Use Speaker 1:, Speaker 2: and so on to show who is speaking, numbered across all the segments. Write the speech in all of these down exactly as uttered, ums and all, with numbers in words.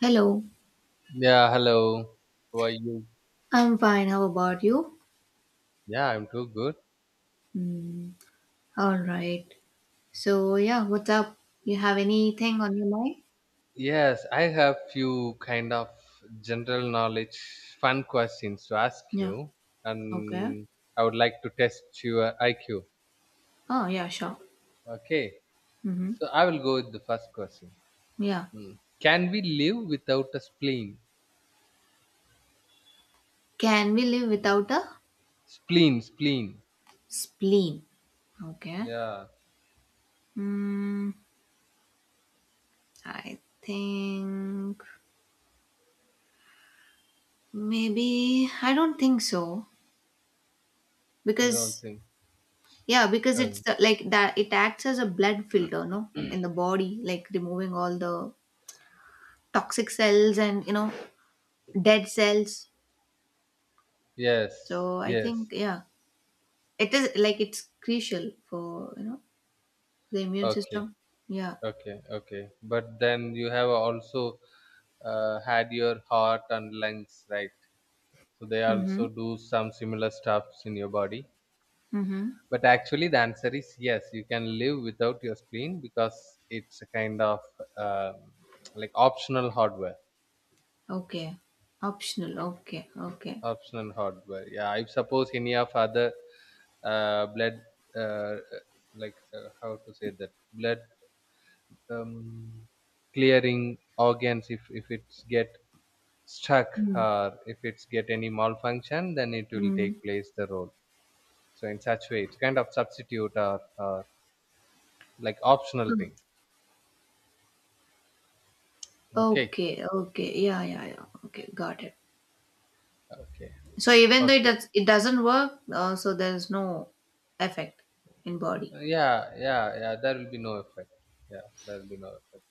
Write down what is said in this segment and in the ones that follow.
Speaker 1: Hello,
Speaker 2: Yeah, hello. How are you?
Speaker 1: I'm fine. How about you?
Speaker 2: Yeah, I'm too good.
Speaker 1: Hmm. All right. So, yeah, what's up? You have anything on your mind?
Speaker 2: Yes, I have few kind of general knowledge fun questions to ask
Speaker 1: Yeah.
Speaker 2: you
Speaker 1: Okay.
Speaker 2: and I would like to test your I Q.
Speaker 1: Oh, yeah, sure.
Speaker 2: Okay.
Speaker 1: Mm-hmm.
Speaker 2: So I will go with the first question.
Speaker 1: Yeah.
Speaker 2: Hmm. Can we live without a spleen?
Speaker 1: Can we live without a
Speaker 2: Spleen, spleen.
Speaker 1: spleen? Okay.
Speaker 2: Yeah,
Speaker 1: Hmm. I think maybe I don't think so
Speaker 2: you don't
Speaker 1: because
Speaker 2: think.
Speaker 1: yeah because it's
Speaker 2: Oh,
Speaker 1: the, like that it acts as a blood filter, no, in the body, like removing all the toxic cells and you know dead cells.
Speaker 2: yes,
Speaker 1: So I think
Speaker 2: yes.
Speaker 1: yeah, it is like it's crucial for you know the immune
Speaker 2: Okay,
Speaker 1: system. Yeah.
Speaker 2: okay, okay. But then you have also uh, had your heart and lungs, right, so they
Speaker 1: Mm-hmm.
Speaker 2: also do some similar stuffs in your body,
Speaker 1: Mm-hmm.
Speaker 2: but actually the answer is yes, you can live without your spleen because it's a kind of um, like optional hardware.
Speaker 1: Okay. Optional. Okay. Okay.
Speaker 2: Optional hardware, yeah. I suppose any of other uh, blood, uh, uh, like, uh, how to say that, blood um, clearing organs, if if it's get stuck
Speaker 1: Mm.
Speaker 2: or if it's get any malfunction, then it will
Speaker 1: Mm.
Speaker 2: take place the role. So in such way it's kind of substitute or uh, like optional
Speaker 1: Huh.
Speaker 2: thing. Okay,
Speaker 1: Okay. Okay. Yeah. Yeah. Yeah. Okay. Got it.
Speaker 2: okay,
Speaker 1: So even though it
Speaker 2: okay.
Speaker 1: does, it doesn't work, uh, so there is no effect in body.
Speaker 2: Uh, yeah, yeah, yeah, there will be no effect. Yeah, there will be no effect.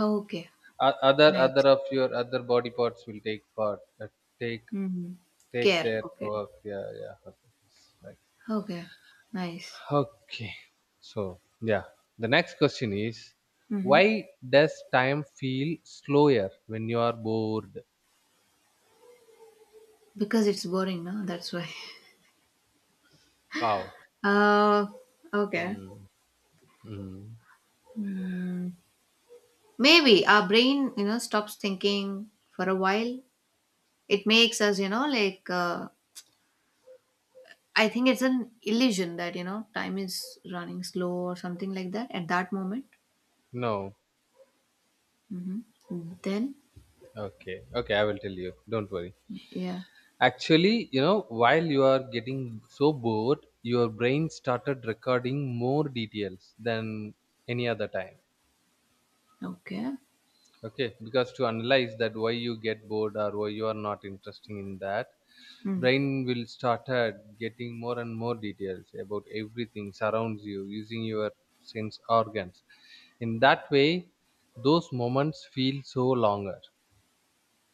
Speaker 1: Okay.
Speaker 2: O- other other
Speaker 1: Nice.
Speaker 2: of your other body parts will take part, uh, take,
Speaker 1: Mm-hmm.
Speaker 2: take
Speaker 1: Care.
Speaker 2: their
Speaker 1: Okay.
Speaker 2: work. Yeah, yeah, okay, right.
Speaker 1: Okay. Nice.
Speaker 2: Okay, so, yeah, the next question is,
Speaker 1: Mm-hmm.
Speaker 2: why does time feel slower when you are bored?
Speaker 1: Because it's boring, no? That's why.
Speaker 2: Wow.
Speaker 1: Uh, okay.
Speaker 2: mm. Mm.
Speaker 1: Hmm. Maybe our brain, you know, stops thinking for a while. It makes us, you know, like, uh, I think it's an illusion that, you know, time is running slow or something like that at that moment.
Speaker 2: No.
Speaker 1: Hmm. Then,
Speaker 2: Okay, okay, I will tell you. Don't worry.
Speaker 1: yeah.
Speaker 2: Actually, you know, while you are getting so bored, your brain started recording more details than any other time.
Speaker 1: Okay.
Speaker 2: Okay, because to analyze that why you get bored or why you are not interesting in that,
Speaker 1: Mm.
Speaker 2: brain will started getting more and more details about everything surrounds you using your sense organs. In that way, those moments feel so longer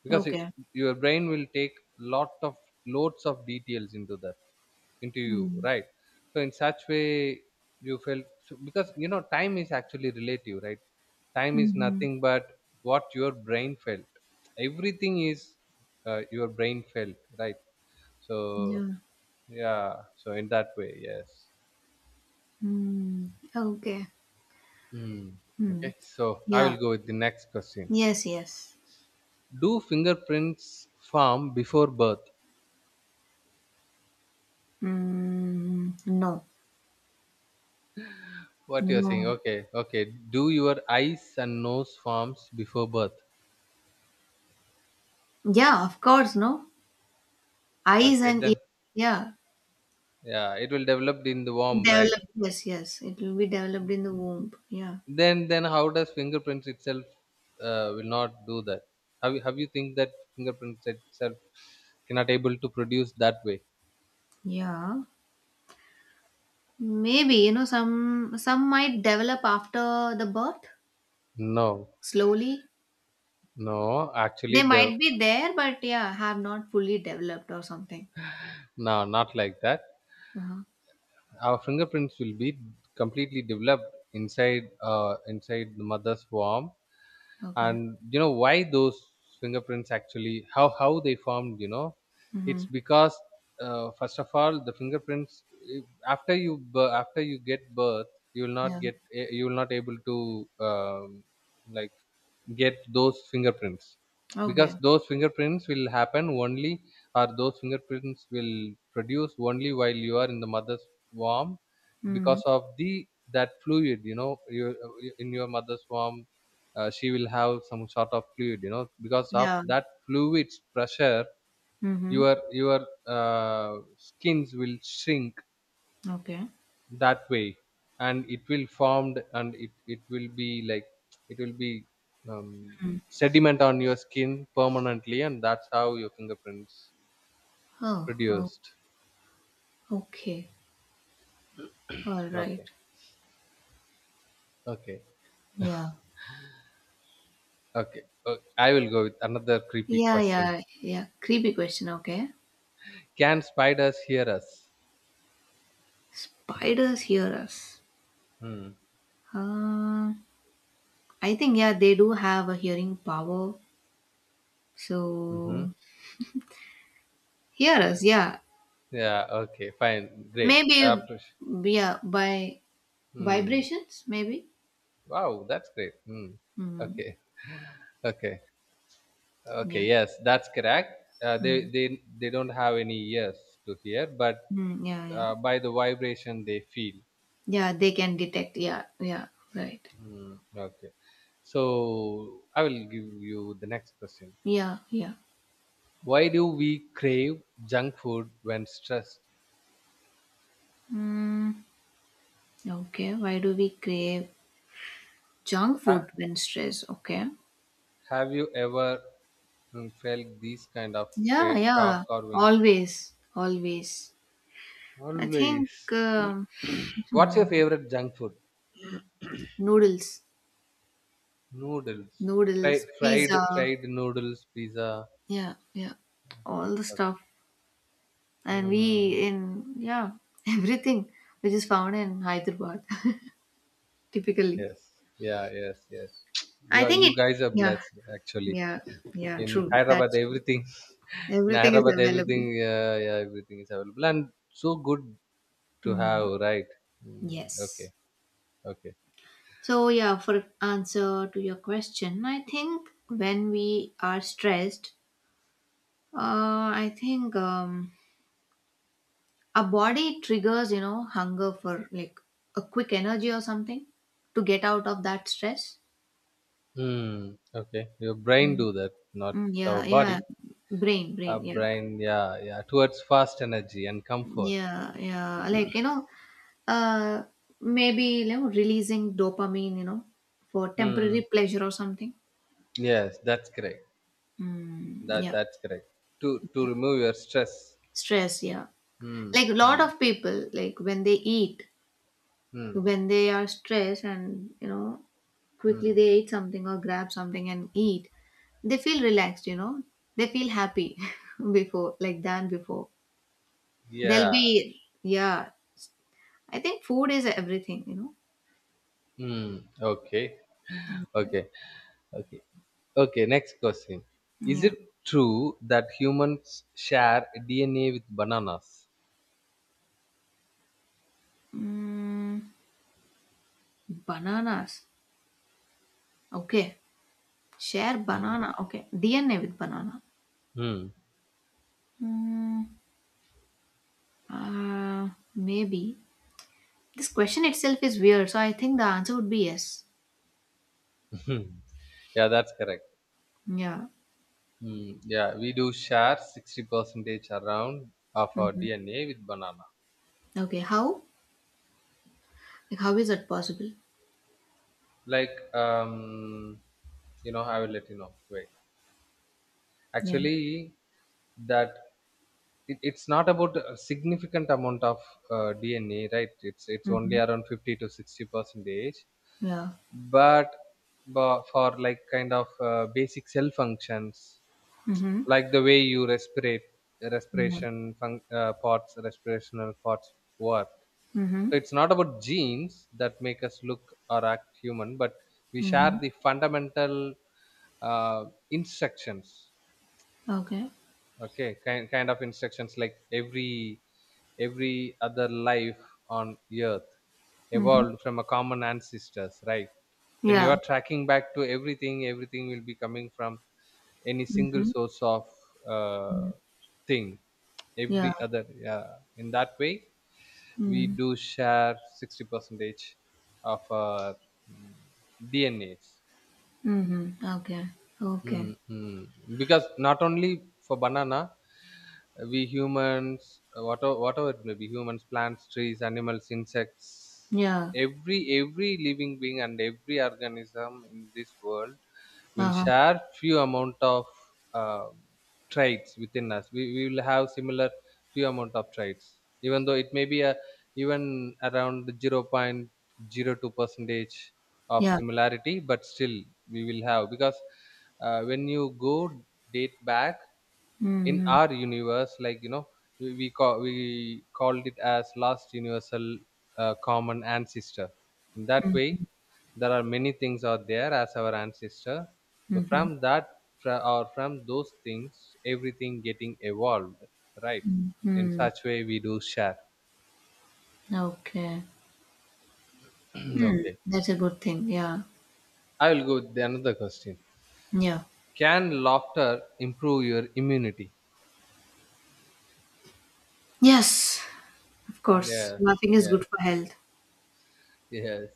Speaker 2: because it,
Speaker 1: Okay.
Speaker 2: your brain will take lot of loads of details into that, into you,
Speaker 1: Mm.
Speaker 2: right? So in such way you felt so, because, you know, time is actually relative, right? Time is
Speaker 1: Mm-hmm.
Speaker 2: nothing but what your brain felt. Everything is uh, your brain felt, right? So,
Speaker 1: Yeah.
Speaker 2: yeah, so in that way, yes.
Speaker 1: Mm. Okay.
Speaker 2: Hmm.
Speaker 1: Mm.
Speaker 2: Okay, so I will
Speaker 1: Yeah.
Speaker 2: go with the next questions.
Speaker 1: Yes, yes.
Speaker 2: Do fingerprints form before birth?
Speaker 1: Mm. No.
Speaker 2: What you're saying.
Speaker 1: No.
Speaker 2: Okay, okay. Do your eyes and nose forms before birth?
Speaker 1: Yeah, of course, no. Eyes
Speaker 2: Okay,
Speaker 1: and ears,
Speaker 2: then,
Speaker 1: yeah.
Speaker 2: yeah, it will develop in the womb, right?
Speaker 1: Developed, yes, yes. It will be developed in the womb. Yeah.
Speaker 2: Then then how does fingerprints itself uh, will not do that? Have you have you think that fingerprints itself cannot able to produce that way?
Speaker 1: Yeah. Maybe, you know, some some might develop after the birth
Speaker 2: No,
Speaker 1: slowly.
Speaker 2: no. Actually,
Speaker 1: They
Speaker 2: the
Speaker 1: might be there, but yeah, have not fully developed or something.
Speaker 2: no, not like that.
Speaker 1: Uh-huh.
Speaker 2: Our fingerprints will be completely developed inside uh, inside the mother's womb,
Speaker 1: Okay.
Speaker 2: and you know why those fingerprints actually, how how they formed, you know, it's
Speaker 1: Mm-hmm.
Speaker 2: because uh, first of all the fingerprints eh, after you bir- after you get birth, you will not
Speaker 1: Yeah.
Speaker 2: get, eh, you will not able to um, like get those fingerprints, because
Speaker 1: Okay.
Speaker 2: those fingerprints will happen only, or those fingerprints will produce only while you are in the mother's womb,
Speaker 1: Mm-hmm.
Speaker 2: because of the that fluid, you know, you in your mother's womb, uh, she will have some sort of fluid, you know, because of
Speaker 1: Yeah.
Speaker 2: that fluid's pressure
Speaker 1: Mm-hmm.
Speaker 2: your your uh, skins will shrink
Speaker 1: Okay.
Speaker 2: that way, and it will formed, and it, it will be like, it will be um,
Speaker 1: Mm.
Speaker 2: sediment on your skin permanently, and that's how your fingerprints
Speaker 1: Oh, oh,
Speaker 2: produced.
Speaker 1: okay. All right.
Speaker 2: Okay, okay,
Speaker 1: Yeah.
Speaker 2: okay. Uh, I will go with another creepy
Speaker 1: Yeah,
Speaker 2: question.
Speaker 1: yeah, yeah. Creepy question. Okay.
Speaker 2: Can spiders hear us?
Speaker 1: Spiders hear us.
Speaker 2: Hmm.
Speaker 1: Uh, I think yeah, they do have a hearing power,
Speaker 2: Mm-hmm.
Speaker 1: so hear us. Yeah,
Speaker 2: Yeah, okay, fine, great.
Speaker 1: maybe
Speaker 2: After-
Speaker 1: yeah by
Speaker 2: hmm.
Speaker 1: vibrations. Maybe.
Speaker 2: Wow, that's great. hmm.
Speaker 1: Hmm.
Speaker 2: Okay, okay. Okay,
Speaker 1: Yeah.
Speaker 2: yes, that's correct. Uh, they
Speaker 1: Mm,
Speaker 2: they they don't have any ears to hear, but
Speaker 1: mm, yeah. Yeah.
Speaker 2: uh, by the vibration they feel.
Speaker 1: Yeah. They can detect. Yeah. Yeah. Right.
Speaker 2: Mm, okay, so I will give you the next question.
Speaker 1: Yeah. Yeah.
Speaker 2: Why do we crave junk food when stressed?
Speaker 1: Mm, okay. Why do we crave junk
Speaker 2: Ha-
Speaker 1: food when stressed? Okay.
Speaker 2: have you ever mm, felt these kind of
Speaker 1: Yeah,
Speaker 2: cra- cra-
Speaker 1: yeah,
Speaker 2: carvings?
Speaker 1: always, always. I think
Speaker 2: Always.
Speaker 1: um,
Speaker 2: What's your
Speaker 1: hmm,
Speaker 2: favorite junk food?
Speaker 1: noodles,
Speaker 2: Noodles,
Speaker 1: noodles,
Speaker 2: fried fried
Speaker 1: pizza,
Speaker 2: fried noodles, pizza.
Speaker 1: yeah, yeah, all
Speaker 2: Okay,
Speaker 1: the
Speaker 2: okay.
Speaker 1: stuff. And we
Speaker 2: Hmm.
Speaker 1: in, yeah, everything which is found in Hyderabad, typically.
Speaker 2: Yes, yeah, yes, yes. You
Speaker 1: I
Speaker 2: are,
Speaker 1: think
Speaker 2: you
Speaker 1: it,
Speaker 2: guys are
Speaker 1: yeah,
Speaker 2: blessed actually.
Speaker 1: yeah, yeah,
Speaker 2: In
Speaker 1: true.
Speaker 2: Hyderabad,
Speaker 1: That's true.
Speaker 2: everything. In
Speaker 1: Everything is
Speaker 2: Hyderabad, everything,
Speaker 1: available.
Speaker 2: yeah, yeah, everything is available, and so good to have,
Speaker 1: Mm,
Speaker 2: right? Mm, okay,
Speaker 1: yes.
Speaker 2: okay.
Speaker 1: So, yeah, for answer to your question, I think when we are stressed, uh, I think um, our body triggers, you know, hunger for like a quick energy or something to get out of that stress.
Speaker 2: Hmm. Okay. Your brain
Speaker 1: Mm.
Speaker 2: do that, not
Speaker 1: Mm,
Speaker 2: our
Speaker 1: yeah, yeah.
Speaker 2: body.
Speaker 1: Brain,
Speaker 2: Our
Speaker 1: brain, yeah.
Speaker 2: brain, yeah, yeah, towards fast energy and comfort.
Speaker 1: Yeah, yeah. Like, you know, uh maybe you know, releasing dopamine, you know, for temporary
Speaker 2: Hmm.
Speaker 1: pleasure or something.
Speaker 2: Yes, that's correct.
Speaker 1: Mm,
Speaker 2: That
Speaker 1: yeah,
Speaker 2: that's correct. To to
Speaker 1: yeah.
Speaker 2: remove your stress.
Speaker 1: Stress, yeah.
Speaker 2: Hmm.
Speaker 1: Like a lot
Speaker 2: Hmm.
Speaker 1: of people, like when they eat,
Speaker 2: Hmm.
Speaker 1: when they are stressed and you know quickly
Speaker 2: Hmm.
Speaker 1: they eat something or grab something and eat they feel relaxed, you know they feel happy before, like, than before they'll
Speaker 2: Yeah.
Speaker 1: be yeah. I think food is everything, you
Speaker 2: Hmm. Okay.
Speaker 1: know.
Speaker 2: Okay, okay, okay. Next question: is
Speaker 1: Yeah.
Speaker 2: it true that humans share D N A with bananas?
Speaker 1: Mm, bananas, okay. Share
Speaker 2: Hmm.
Speaker 1: banana, okay. DNA with banana.
Speaker 2: Hmm.
Speaker 1: Mm, uh, maybe this question itself is weird, so I think the answer would be yes.
Speaker 2: Yeah, that's correct.
Speaker 1: Yeah.
Speaker 2: Hmm. Yeah, we do share sixty percentage around of our
Speaker 1: Mhm.
Speaker 2: D N A with banana.
Speaker 1: Okay, how. Like, how is that possible?
Speaker 2: Like, um, you know, I will let you know. Wait,
Speaker 1: Yeah.
Speaker 2: actually, that it, it's not about a significant amount of uh, D N A, right? It's it's only
Speaker 1: Mhm.
Speaker 2: around fifty to sixty percentage.
Speaker 1: Yeah.
Speaker 2: but but for like kind of uh, basic cell functions,
Speaker 1: Mhm.
Speaker 2: like the way you respirate,
Speaker 1: Mhm.
Speaker 2: respiration fun- uh, parts, respirational parts work,
Speaker 1: Mhm.
Speaker 2: so it's not about genes that make us look or act human, but we share
Speaker 1: Mhm.
Speaker 2: the fundamental uh, instructions.
Speaker 1: Okay.
Speaker 2: Okay, kind, kind of instructions like every every other life on earth
Speaker 1: Mhm.
Speaker 2: evolved from a common ancestors, right? When you
Speaker 1: Yeah.
Speaker 2: are tracking back to everything, everything will be coming from any single
Speaker 1: Mhm.
Speaker 2: source of uh, thing,
Speaker 1: Yeah.
Speaker 2: every other, yeah, in that way we
Speaker 1: Mm.
Speaker 2: do share sixty percentage of our mm, dnas.
Speaker 1: Mhm. Okay. Okay.
Speaker 2: Mm, mm. Because not only for banana, we humans, whatever, whatever it may be, humans, plants, trees, animals, insects,
Speaker 1: Yeah.
Speaker 2: every every living being and every organism in this world will
Speaker 1: Uh-huh.
Speaker 2: share few amount of uh, traits within us. We, we will have similar few amount of traits, even though it may be a even around zero point zero two percentage of
Speaker 1: Yeah.
Speaker 2: similarity, but still we will have, because uh, when you go date back in
Speaker 1: Mhm.
Speaker 2: our universe, like, you know, we, we call we called it as last universal uh, common ancestor. In that
Speaker 1: Mm.
Speaker 2: way, there are many things are there as our ancestor. So
Speaker 1: Mhm.
Speaker 2: from that fro- or from those things everything getting evolved, right? In
Speaker 1: Mm.
Speaker 2: such way we do share.
Speaker 1: Okay. Mm.
Speaker 2: Okay,
Speaker 1: That's a good thing. Yeah.
Speaker 2: I will go with the another question.
Speaker 1: Yeah.
Speaker 2: Can laughter improve your immunity?
Speaker 1: Yes. Of course.
Speaker 2: Yeah,
Speaker 1: Laughing is
Speaker 2: yes,
Speaker 1: good for health.
Speaker 2: yes,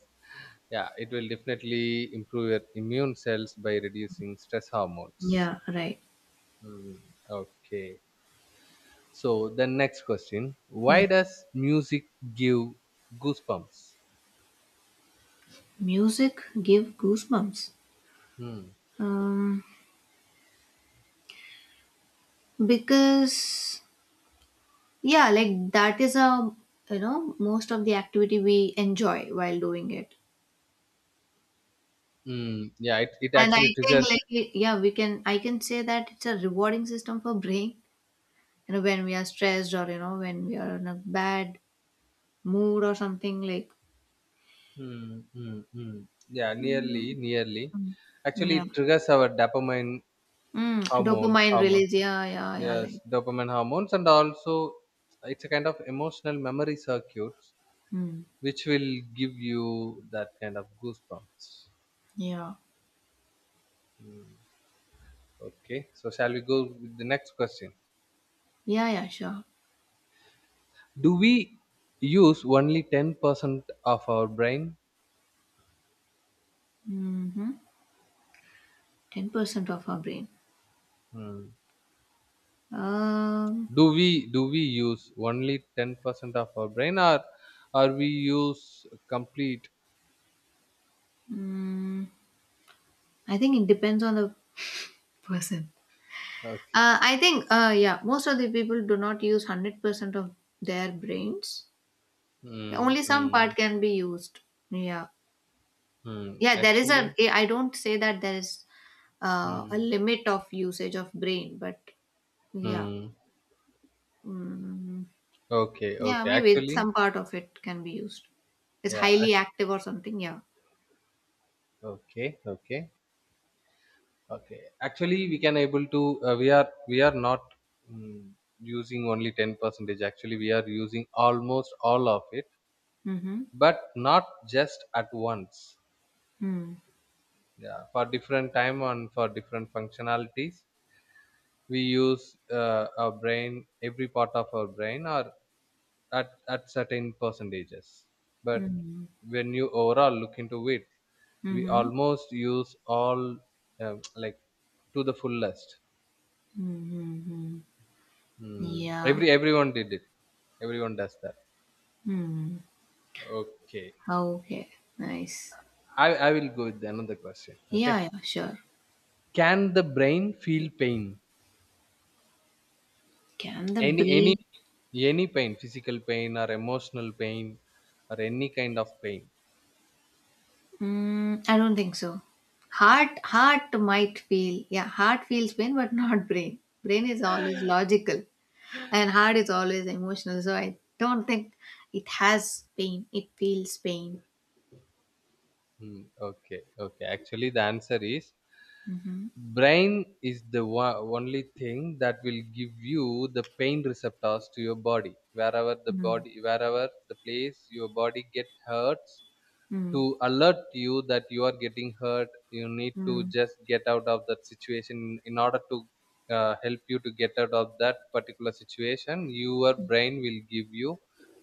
Speaker 2: yeah, it will definitely improve your immune cells by reducing stress hormones.
Speaker 1: Yeah, right.
Speaker 2: Hmm, okay, so the next question,
Speaker 1: Yeah.
Speaker 2: why does music give goosebumps?
Speaker 1: Music give goosebumps.
Speaker 2: Hmm.
Speaker 1: Um, because yeah, like that is a you know most of the activity we enjoy while doing it.
Speaker 2: Hmm. Yeah, it, it
Speaker 1: And I
Speaker 2: actually
Speaker 1: think
Speaker 2: triggers.
Speaker 1: like it- yeah, we can I can say that it's a rewarding system for brain. You know when we are stressed or you know when we are in a bad mood or something like
Speaker 2: Hmm. Hmm. Hmm. Yeah, nearly nearly actually
Speaker 1: yeah.
Speaker 2: it triggers our dopamine
Speaker 1: Mm,
Speaker 2: hormones
Speaker 1: dopamine
Speaker 2: hormone.
Speaker 1: release. Yeah, yeah, yeah.
Speaker 2: Yes,
Speaker 1: Like
Speaker 2: dopamine hormones, and also it's a kind of emotional memory circuit
Speaker 1: mm,
Speaker 2: which will give you that kind of goosebumps.
Speaker 1: yeah,
Speaker 2: Mm, okay, so shall we go with the next question?
Speaker 1: yeah, yeah. Sure.
Speaker 2: Do we use only ten percent of our brain?
Speaker 1: Mm-hmm. Ten percent of our brain.
Speaker 2: Mm.
Speaker 1: Um,
Speaker 2: Do we do we use only ten percent of our brain, or or we use complete?
Speaker 1: mm, I think it depends on the person.
Speaker 2: Okay.
Speaker 1: Uh, I think, uh, yeah, most of the people do not use one hundred percent of their brains.
Speaker 2: Mm,
Speaker 1: Only some part
Speaker 2: mm,
Speaker 1: can be used. Yeah.
Speaker 2: mm.
Speaker 1: Yeah, there is a,
Speaker 2: Actually,
Speaker 1: I don't say that there is uh, a
Speaker 2: mm,
Speaker 1: limit of usage of brain, but yeah.
Speaker 2: mm.
Speaker 1: Mm,
Speaker 2: Okay,
Speaker 1: yeah,
Speaker 2: okay.
Speaker 1: maybe some
Speaker 2: Actually,
Speaker 1: part of it can be used. It's
Speaker 2: yeah. ac-
Speaker 1: highly active or something. Yeah.
Speaker 2: Okay, okay. Okay, actually, we can able to, uh, we are we are not mm, using only ten percentage. Actually, we are using almost all of it,
Speaker 1: Mm-hmm.
Speaker 2: but not just at once. Yeah, for different time and for different functionalities, we use uh, our brain, every part of our brain, or at at certain percentages. But
Speaker 1: Mm-hmm.
Speaker 2: when you overall look into it, we
Speaker 1: Mm-hmm.
Speaker 2: almost use all, um, like, to the fullest.
Speaker 1: Mm-hmm. Mm-hmm.
Speaker 2: Hmm.
Speaker 1: Yeah.
Speaker 2: Every everyone did it. Everyone does that.
Speaker 1: Mm.
Speaker 2: Okay.
Speaker 1: Okay. Nice.
Speaker 2: I, I will go with another question. Okay.
Speaker 1: Yeah, yeah, sure.
Speaker 2: Can the brain feel pain?
Speaker 1: Can the
Speaker 2: Any
Speaker 1: brain?
Speaker 2: any any pain, physical pain or emotional pain or any kind of pain?
Speaker 1: Mm, I don't think so. Heart, heart might feel. Yeah, heart feels pain, but not brain. Brain is always logical, and heart is always emotional. So I don't think it has pain. It feels pain.
Speaker 2: Hmm. Okay. Okay. Actually, the answer is
Speaker 1: Mm-hmm.
Speaker 2: brain is the one, only thing that will give you the pain receptors to your body, wherever the
Speaker 1: Mm,
Speaker 2: body, wherever the place your body get hurts, to
Speaker 1: mm,
Speaker 2: alert you that you are getting hurt, you need to
Speaker 1: mm,
Speaker 2: just get out of that situation, in order to uh, help you to get out of that particular situation. Your brain will give you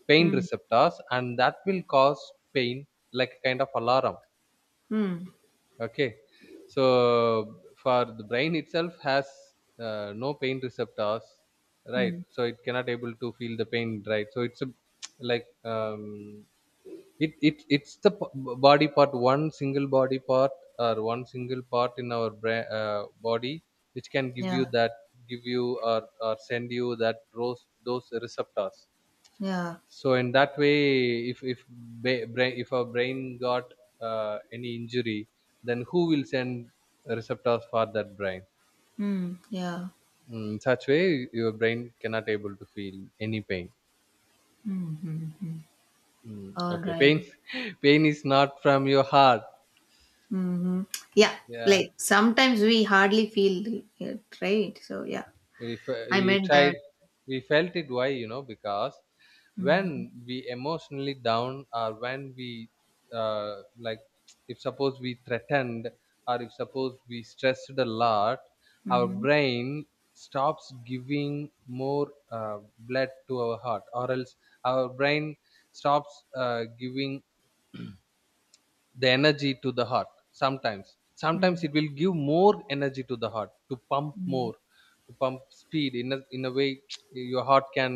Speaker 2: pain
Speaker 1: mm,
Speaker 2: receptors and that will cause pain, like a kind of alarm.
Speaker 1: mm,
Speaker 2: Okay, so for the brain itself has uh, no pain receptors, right,
Speaker 1: mm.
Speaker 2: so it cannot able to feel the pain, right? So it's a like um, it it it's the p- b- body part, one single body part, or one single part in our bra- uh, body which can give
Speaker 1: Yeah,
Speaker 2: you that, give you, or, or send you that those those receptors.
Speaker 1: yeah,
Speaker 2: So in that way, if if ba- brain, if our brain got uh, any injury, then who will send receptors for that brain?
Speaker 1: mm, yeah.
Speaker 2: Mm, such way your brain cannot able to feel any pain.
Speaker 1: Mm-hmm.
Speaker 2: Mm,
Speaker 1: All
Speaker 2: okay,
Speaker 1: right.
Speaker 2: pain. Pain is not from your heart.
Speaker 1: Mm-hmm. Yeah,
Speaker 2: Yeah,
Speaker 1: like sometimes we hardly feel it, right? So yeah,
Speaker 2: we fe-
Speaker 1: I
Speaker 2: we
Speaker 1: meant
Speaker 2: tried
Speaker 1: that.
Speaker 2: we felt it, why, you know, because when
Speaker 1: Mm.
Speaker 2: we emotionally down or when we uh, like if suppose we threatened, or if suppose we stressed a lot, our
Speaker 1: Mhm.
Speaker 2: brain stops giving more uh, blood to our heart, or else our brain stops uh, giving the energy to the heart. Sometimes sometimes
Speaker 1: Mm.
Speaker 2: it will give more energy to the heart to pump
Speaker 1: Mm.
Speaker 2: more, to pump speed, in a, in a way your heart can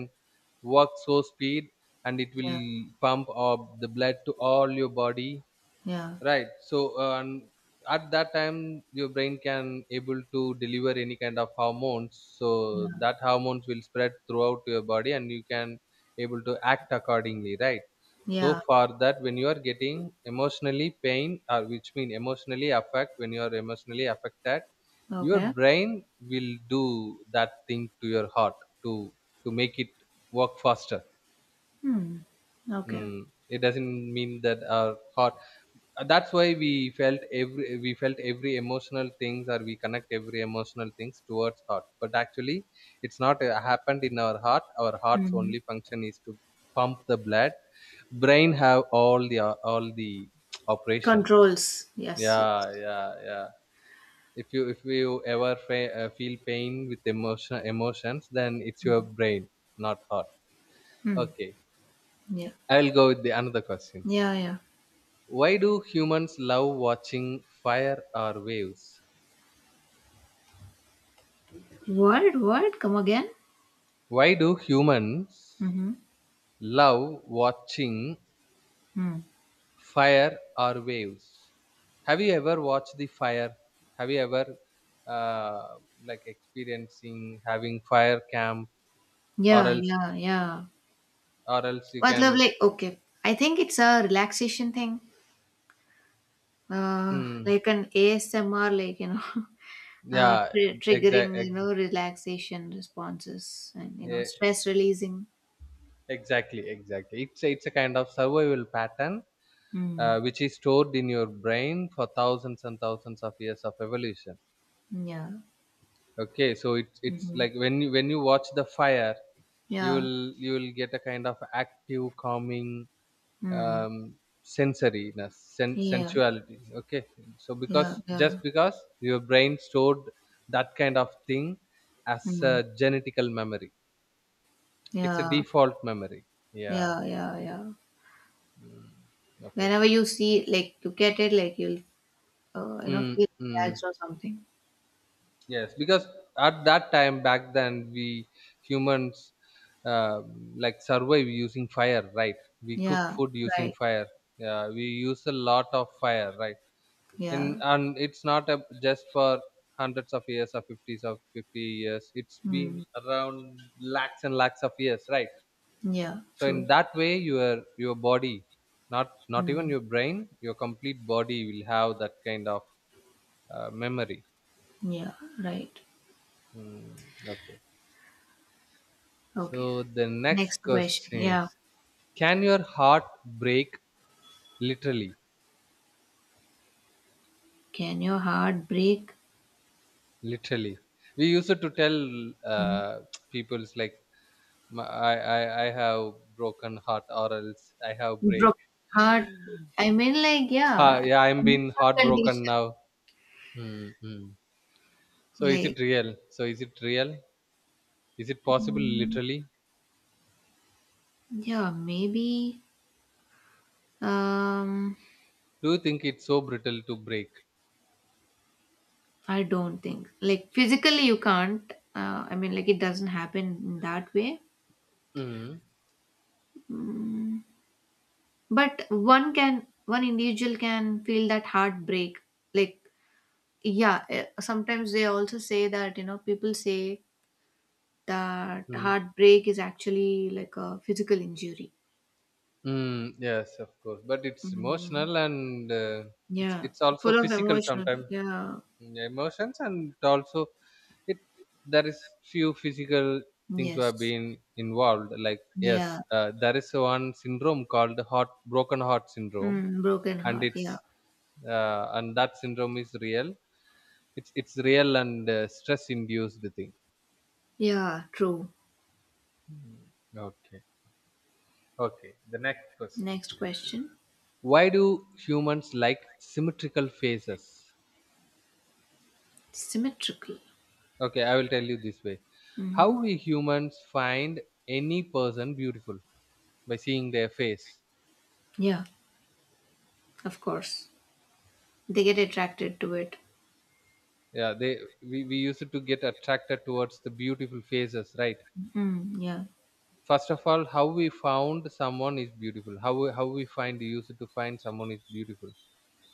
Speaker 2: work so speed, and it will
Speaker 1: Yeah.
Speaker 2: pump up the blood to all your body,
Speaker 1: Yeah.
Speaker 2: right? So uh, at That time your brain can able to deliver any kind of hormones, so
Speaker 1: Yeah.
Speaker 2: that hormones will spread throughout your body and you can able to act accordingly, right? So
Speaker 1: Yeah.
Speaker 2: for that, when you are getting emotionally pain or which mean emotionally affect when you are emotionally affected, your
Speaker 1: Okay.
Speaker 2: brain will do that thing to your heart to to make it work faster.
Speaker 1: Mm. Okay.
Speaker 2: Mm. It doesn't mean that our heart, uh, that's why we felt every we felt every emotional things, or we connect every emotional things towards heart, but actually it's not uh, happened in our heart. Our heart's only
Speaker 1: Mhm.
Speaker 2: function is to pump the blood. Brain have all the uh, all the operations.
Speaker 1: Controls. Yes. Yes.
Speaker 2: Yeah. Yeah, yeah. If you if you ever fe- uh, feel pain with emotion emotions, then it's your brain, not heart.
Speaker 1: Mm.
Speaker 2: Okay,
Speaker 1: Yeah.
Speaker 2: I will go with the another question.
Speaker 1: Yeah. Yeah.
Speaker 2: Why do humans love watching fire or waves?
Speaker 1: What? What? Come again?
Speaker 2: Why do humans
Speaker 1: Mm-hmm.
Speaker 2: love watching
Speaker 1: Mm.
Speaker 2: fire or waves? Have you ever watched the fire? Have you ever uh, like experiencing having fire camp, or
Speaker 1: Yeah.
Speaker 2: else
Speaker 1: Yeah. Yeah.
Speaker 2: or else you
Speaker 1: मतलब
Speaker 2: can.
Speaker 1: like okay, I think it's a relaxation thing. Uh,
Speaker 2: Mm,
Speaker 1: like an A S M R, like you know, uh,
Speaker 2: yeah.
Speaker 1: tri-
Speaker 2: exact
Speaker 1: triggering you
Speaker 2: ex-
Speaker 1: know relaxation responses and you know
Speaker 2: yeah,
Speaker 1: stress releasing.
Speaker 2: exactly exactly, it's a- it's a kind of survival pattern, uh,
Speaker 1: Mm.
Speaker 2: which is stored in your brain for thousands and thousands of years of evolution.
Speaker 1: Yeah.
Speaker 2: Okay, so it's it's
Speaker 1: Mhm.
Speaker 2: like when you when you watch the fire, you
Speaker 1: Yeah.
Speaker 2: will you will get a kind of active, calming,
Speaker 1: Mm.
Speaker 2: um, sensoriness, sen-
Speaker 1: Yeah.
Speaker 2: sensuality. Okay, so because
Speaker 1: Yeah.
Speaker 2: just
Speaker 1: Yeah.
Speaker 2: because your brain stored that kind of thing as a
Speaker 1: Mm.
Speaker 2: genetical memory, it's a
Speaker 1: Yeah.
Speaker 2: default memory. Yeah.
Speaker 1: Yeah. Yeah. Yeah.
Speaker 2: Mm. Okay.
Speaker 1: Whenever you see, like, look at it, like, you'll, uh, you know,
Speaker 2: Mm,
Speaker 1: feel
Speaker 2: mm.
Speaker 1: relaxed or something.
Speaker 2: Yes, because at that time back then we humans, uh, like survive using fire, right? We cook
Speaker 1: Yeah.
Speaker 2: food using
Speaker 1: Right.
Speaker 2: fire. Yeah, we use a lot of fire, right? In,
Speaker 1: Yeah.
Speaker 2: and it's not a, just for hundreds of years or fifties of fifty years. It's been
Speaker 1: Mm.
Speaker 2: around lakhs and lakhs of years, right?
Speaker 1: Yeah.
Speaker 2: So
Speaker 1: True.
Speaker 2: in that way, your your body, not not even
Speaker 1: Mm.
Speaker 2: your brain, your complete body will have that kind of uh, memory.
Speaker 1: Yeah. Right.
Speaker 2: Mm, okay.
Speaker 1: Okay.
Speaker 2: So the
Speaker 1: Next
Speaker 2: next
Speaker 1: question.
Speaker 2: question
Speaker 1: Yeah.
Speaker 2: is, can your heart break literally?
Speaker 1: Can your heart break?
Speaker 2: Literally, we used to tell
Speaker 1: Mm.
Speaker 2: uh, people's like, "My- I, I I have broken heart, or else I have break.
Speaker 1: Broke heart. I mean, like,
Speaker 2: Ha,
Speaker 1: yeah,
Speaker 2: yeah, I'm been
Speaker 1: emotional
Speaker 2: heartbroken
Speaker 1: condition.
Speaker 2: now." Mm-hmm. So is it
Speaker 1: Like,
Speaker 2: real? So is it real? Is it possible literally?
Speaker 1: yeah, maybe. Um.
Speaker 2: Do you think it's so brittle to break?
Speaker 1: I don't think like physically you can't. Uh, I mean, like it doesn't happen in that way.
Speaker 2: Mm-hmm.
Speaker 1: But one can, one individual can feel that heartbreak. Like yeah, eh, sometimes they also say that you know people say that heartbreak is actually like a physical injury.
Speaker 2: Mm, yes, of course, but it's
Speaker 1: Mm,
Speaker 2: emotional and, uh, it's
Speaker 1: yeah,
Speaker 2: it's also
Speaker 1: full of
Speaker 2: physical
Speaker 1: emotional.
Speaker 2: sometimes.
Speaker 1: Yeah.
Speaker 2: Mm, emotions and also it, there is few physical things who have
Speaker 1: Yes.
Speaker 2: been involved. Like yes,
Speaker 1: Yeah.
Speaker 2: uh, there is one syndrome called heart broken heart syndrome,
Speaker 1: Mm, broken
Speaker 2: and
Speaker 1: heart. Yeah.
Speaker 2: it's uh, and that syndrome is real. It's it's real, and uh, stress induced thing.
Speaker 1: Yeah. True.
Speaker 2: Okay, okay. The next question:
Speaker 1: Next question.
Speaker 2: Why do humans like symmetrical faces?
Speaker 1: Symmetrical.
Speaker 2: Okay, I will tell you this way.
Speaker 1: Hmm.
Speaker 2: How we humans find any person beautiful by seeing their face.
Speaker 1: Yeah. Of course, they get attracted to it.
Speaker 2: Yeah, they we, we used to get attracted towards the beautiful faces, right?
Speaker 1: Mm, yeah.
Speaker 2: First of all, how we found someone is beautiful. How we, how we find used to find someone is beautiful.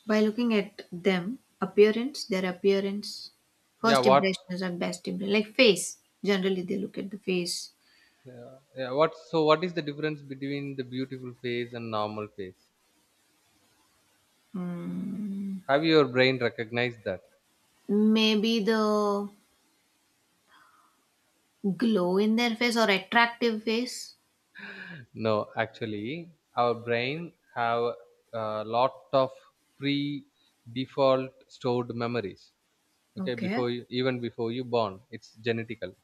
Speaker 1: By looking at them, appearance, their appearance,
Speaker 2: Yeah,
Speaker 1: first
Speaker 2: what
Speaker 1: impressions are best impression. Like face, generally they look at the face.
Speaker 2: yeah, yeah, what so what is the difference between the beautiful face and normal face?
Speaker 1: Mm,
Speaker 2: Have your brain recognized that?
Speaker 1: maybe the glow in their face or attractive face.
Speaker 2: No, actually, our brain have a lot of pre-default stored memories. Okay,
Speaker 1: Okay.
Speaker 2: before you, even before you born, it's genetical.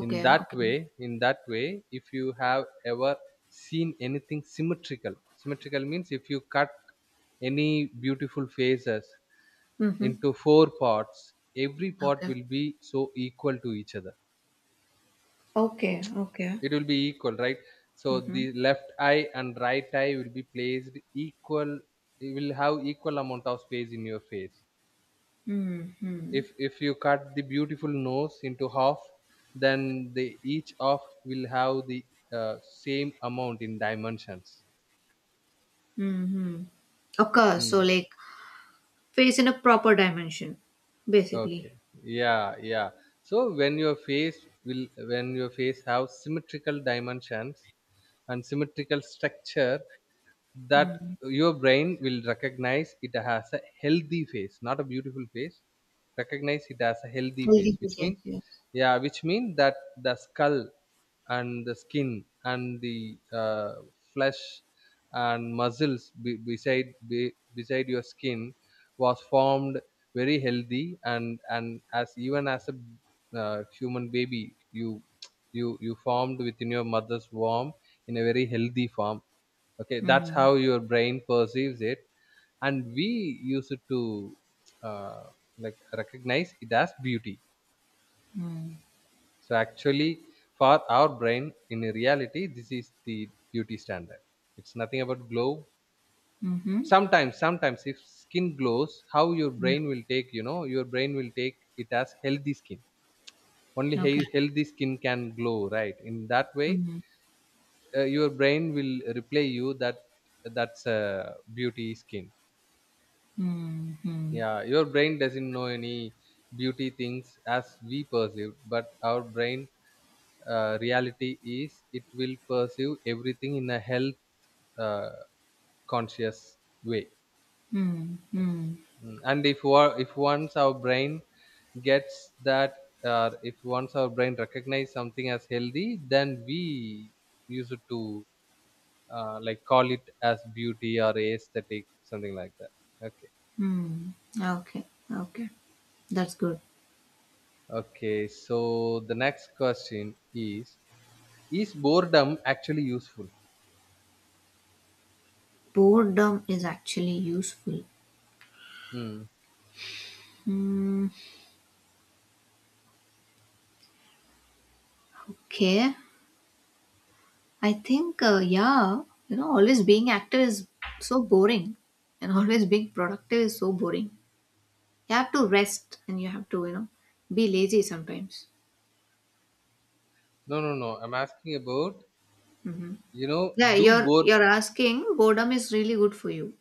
Speaker 2: In that
Speaker 1: Okay.
Speaker 2: way, in that way, if you have ever seen anything symmetrical. Symmetrical means if you cut any beautiful faces
Speaker 1: Mm-hmm.
Speaker 2: into four parts, every part
Speaker 1: Okay.
Speaker 2: will be so equal to each other,
Speaker 1: Okay. Okay.
Speaker 2: it will be equal, right? So
Speaker 1: Mm-hmm.
Speaker 2: the left eye and right eye will be placed equal. It will have equal amount of space in your face.
Speaker 1: Mm-hmm.
Speaker 2: If if you cut the beautiful nose into half, then the each of will have the, uh, same amount in dimensions.
Speaker 1: Mm-hmm. Okay. So
Speaker 2: Mm.
Speaker 1: like face in a proper dimension, basically.
Speaker 2: Okay, yeah, yeah. So when your face will when your face have symmetrical dimensions and symmetrical structure, that your brain will recognize it has a healthy face, not a beautiful face. Recognize it as a healthy
Speaker 1: Healthy
Speaker 2: face,
Speaker 1: food,
Speaker 2: which
Speaker 1: yes,
Speaker 2: mean,
Speaker 1: yes.
Speaker 2: yeah, which mean that the skull and the skin and the, uh, flesh and muscles, be, beside be, beside your skin was formed very healthy, and and as even as a uh, human baby, you you you formed within your mother's womb in a very healthy form. Okay, that's
Speaker 1: Mm,
Speaker 2: how your brain perceives it, and we use it to uh, like recognize it as beauty.
Speaker 1: mm,
Speaker 2: So actually, for our brain, in reality, this is the beauty standard. It's nothing about glow.
Speaker 1: mm-hmm.
Speaker 2: Sometimes sometimes if skin glows, how your
Speaker 1: Yeah.
Speaker 2: brain will take you know your brain will take it as healthy skin. Only
Speaker 1: Okay.
Speaker 2: he- healthy skin can glow, right? In that way,
Speaker 1: Mm,
Speaker 2: uh, your brain will replay you that that's a beauty skin.
Speaker 1: mm, mm,
Speaker 2: Yeah, your brain doesn't know any beauty things as we perceive, but our brain, uh, reality is it will perceive everything in a health, uh, conscious way.
Speaker 1: mm, mm,
Speaker 2: Mm. And if wa- if once our brain gets that, uh, if once our brain recognize something as healthy, then we use it to uh, like call it as beauty or aesthetic, something like that. Okay.
Speaker 1: mm. Okay. Okay. That's good.
Speaker 2: Okay, so the next question is Is boredom actually useful?
Speaker 1: Boredom is actually useful.
Speaker 2: Hmm.
Speaker 1: Hmm, okay. I think, uh, yeah, you know, always being active is so boring, and always being productive is so boring. You have to rest, and you have to, you know, be lazy sometimes.
Speaker 2: No, no, no. I'm asking about, you know
Speaker 1: Yeah,
Speaker 2: do
Speaker 1: you're
Speaker 2: bored.
Speaker 1: you're asking boredom is really good for you.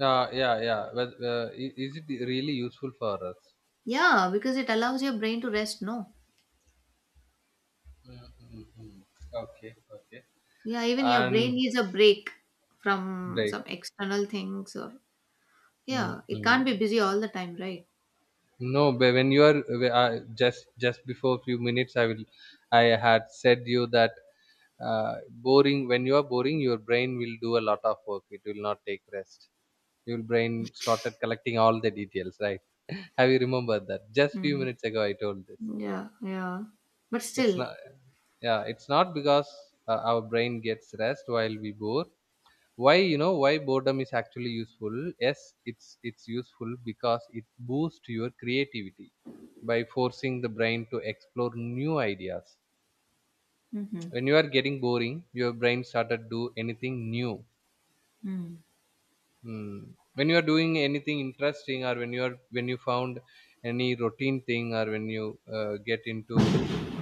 Speaker 2: Uh, yeah, yeah. But uh, i- is it really useful for us?
Speaker 1: Yeah, because it allows your brain to rest, no?
Speaker 2: Mm, mm, mm. Okay, okay.
Speaker 1: Yeah, even your brain
Speaker 2: And
Speaker 1: needs a break from
Speaker 2: break.
Speaker 1: some external things or
Speaker 2: Mm,
Speaker 1: yeah, it can't be
Speaker 2: mm.
Speaker 1: busy all the time, right?
Speaker 2: No, but when you are, uh, just just before few minutes, I will. I had said you that uh, boring. When you are boring, your brain will do a lot of work. It will not take rest. Your brain started collecting all the details. Right? Have you remembered that? Just few
Speaker 1: Mm.
Speaker 2: minutes ago, I told this.
Speaker 1: Yeah, yeah. But
Speaker 2: It's
Speaker 1: still.
Speaker 2: not. Yeah, it's not because uh, our brain gets rest while we bore. Why, you know why boredom is actually useful? Yes, it's it's useful because it boosts your creativity by forcing the brain to explore new ideas.
Speaker 1: Mm-hmm.
Speaker 2: When you are getting boring, your brain started do anything new.
Speaker 1: Mm.
Speaker 2: Hmm. When you are doing anything interesting, or when you are when you found any routine thing, or when you uh, get into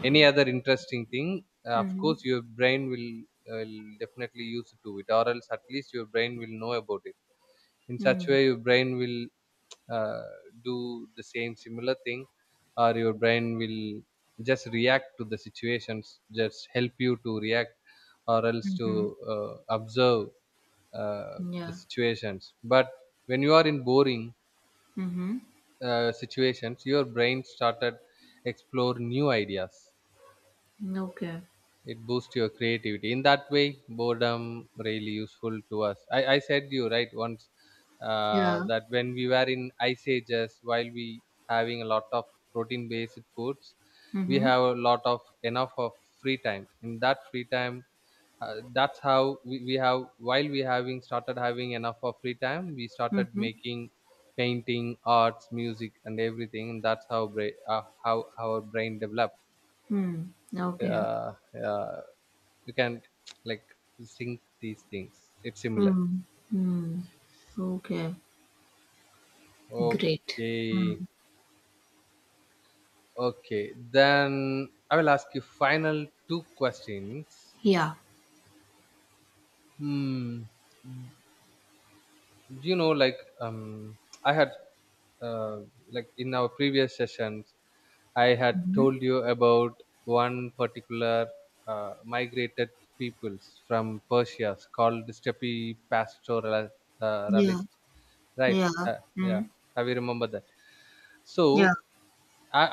Speaker 2: any other interesting thing, uh, of
Speaker 1: Mm-hmm.
Speaker 2: course your brain will, will definitely use to it, or else at least your brain will know about it. In such
Speaker 1: Mm.
Speaker 2: way your brain will uh, do the same similar thing, or your brain will just react to the situations, just help you to react, or else to
Speaker 1: Mm-hmm.
Speaker 2: uh, observe uh, the
Speaker 1: Yeah.
Speaker 2: situations. But when you are in boring,
Speaker 1: Mm-hmm.
Speaker 2: uh, situations, your brain started explore new ideas.
Speaker 1: Okay.
Speaker 2: It boosts your creativity. In that way, boredom really useful to us. I, I said you right once, uh,
Speaker 1: Yeah.
Speaker 2: that when we were in ice ages, while we having a lot of protein based foods, we
Speaker 1: Mm-hmm.
Speaker 2: have a lot of enough of free time. In that free time, uh, that's how we, we have while we having started having enough of free time, we started
Speaker 1: Mm-hmm.
Speaker 2: making painting, arts, music, and everything. And that's how bra- uh, how our brain developed.
Speaker 1: Mm. Okay.
Speaker 2: uh, uh, you can, like, sync these things, it's similar.
Speaker 1: Mm. Mm. Okay. Great.
Speaker 2: Okay.
Speaker 1: Mm.
Speaker 2: Okay, then I will ask you final two questions.
Speaker 1: Yeah.
Speaker 2: hmm you know like, um I had uh, like in our previous sessions I had
Speaker 1: Mm-hmm.
Speaker 2: told you about one particular uh, migrated peoples from Persia, called the steppe pastoralists, uh,
Speaker 1: Yeah.
Speaker 2: realist, right?
Speaker 1: Yeah.
Speaker 2: uh, yeah,
Speaker 1: Mm.
Speaker 2: have you remembered that? So
Speaker 1: Yeah.
Speaker 2: I,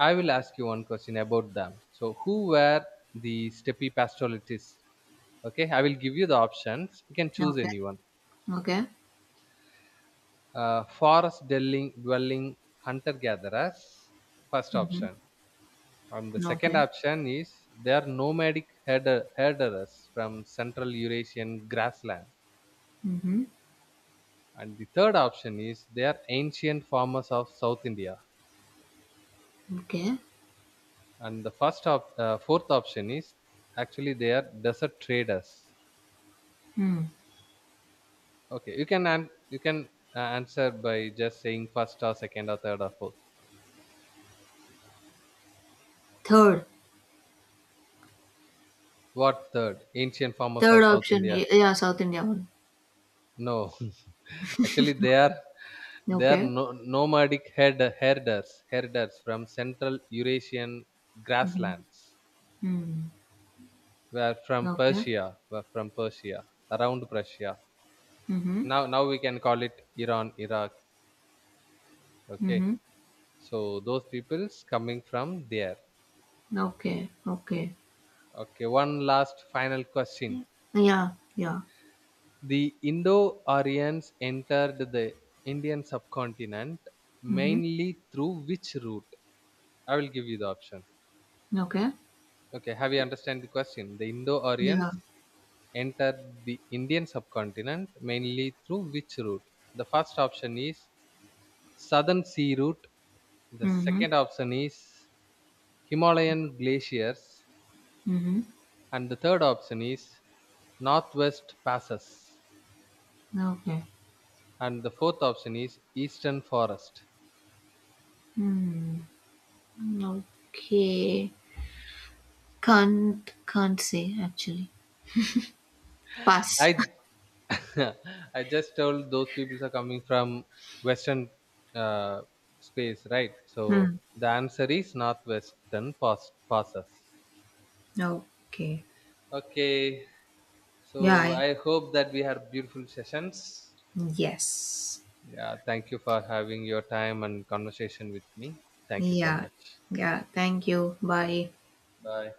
Speaker 2: I will ask you one question about them. So who were the steppe pastoralists? Okay, I will give you the options. You can choose
Speaker 1: Okay.
Speaker 2: anyone.
Speaker 1: Okay.
Speaker 2: Uh, forest dwelling, dwelling hunter gatherers. First
Speaker 1: Mm-hmm.
Speaker 2: option. And the
Speaker 1: Okay.
Speaker 2: second option is, they are nomadic herder, herderers from Central Eurasian grassland.
Speaker 1: Mm-hmm.
Speaker 2: And the third option is, they are ancient farmers of South India.
Speaker 1: Okay.
Speaker 2: And the first op- uh, fourth option is, actually they are desert traders.
Speaker 1: Hmm.
Speaker 2: Okay, you can an- you can uh, answer by just saying first or second or third or fourth.
Speaker 1: Third.
Speaker 2: What third? Ancient farmers
Speaker 1: Third
Speaker 2: of South
Speaker 1: option.
Speaker 2: India.
Speaker 1: y- Yeah, South India one.
Speaker 2: No, actually they are they are
Speaker 1: Okay.
Speaker 2: no, nomadic herd, herders herders from Central Eurasian
Speaker 1: Mm-hmm.
Speaker 2: grasslands.
Speaker 1: Hmm.
Speaker 2: Were from
Speaker 1: Okay.
Speaker 2: Persia. Were from Persia, around Persia.
Speaker 1: Mm-hmm.
Speaker 2: Now now we can call it Iran, Iraq. Okay,
Speaker 1: Mm-hmm.
Speaker 2: so those peoples coming from there.
Speaker 1: Okay. Okay.
Speaker 2: Okay, one last final question.
Speaker 1: Yeah. Yeah.
Speaker 2: The Indo Aryans entered the Indian subcontinent
Speaker 1: Mm-hmm.
Speaker 2: mainly through which route? I will give you the option.
Speaker 1: Okay.
Speaker 2: Okay, have you understand the question? The Indo
Speaker 1: Yeah.
Speaker 2: Aryans entered the Indian subcontinent mainly through which route? The first option is Southern Sea Route, the
Speaker 1: Mm-hmm.
Speaker 2: second option is Himalayan glaciers,
Speaker 1: Mm-hmm.
Speaker 2: and the third option is Northwest Passes,
Speaker 1: Okay.
Speaker 2: and the fourth option is Eastern Forest.
Speaker 1: Hmm. Okay. Can't can't say actually. Pass.
Speaker 2: I I just told those people are coming from western, uh, space, right? So
Speaker 1: Hmm.
Speaker 2: the answer is northwestern pass- passes.
Speaker 1: Okay.
Speaker 2: Okay, so
Speaker 1: Yeah.
Speaker 2: I hope that we had beautiful sessions.
Speaker 1: Yes.
Speaker 2: Yeah, thank you for having your time and conversation with me. Thank you so
Speaker 1: Yeah.
Speaker 2: much.
Speaker 1: Yeah. Thank you. Bye.
Speaker 2: Bye.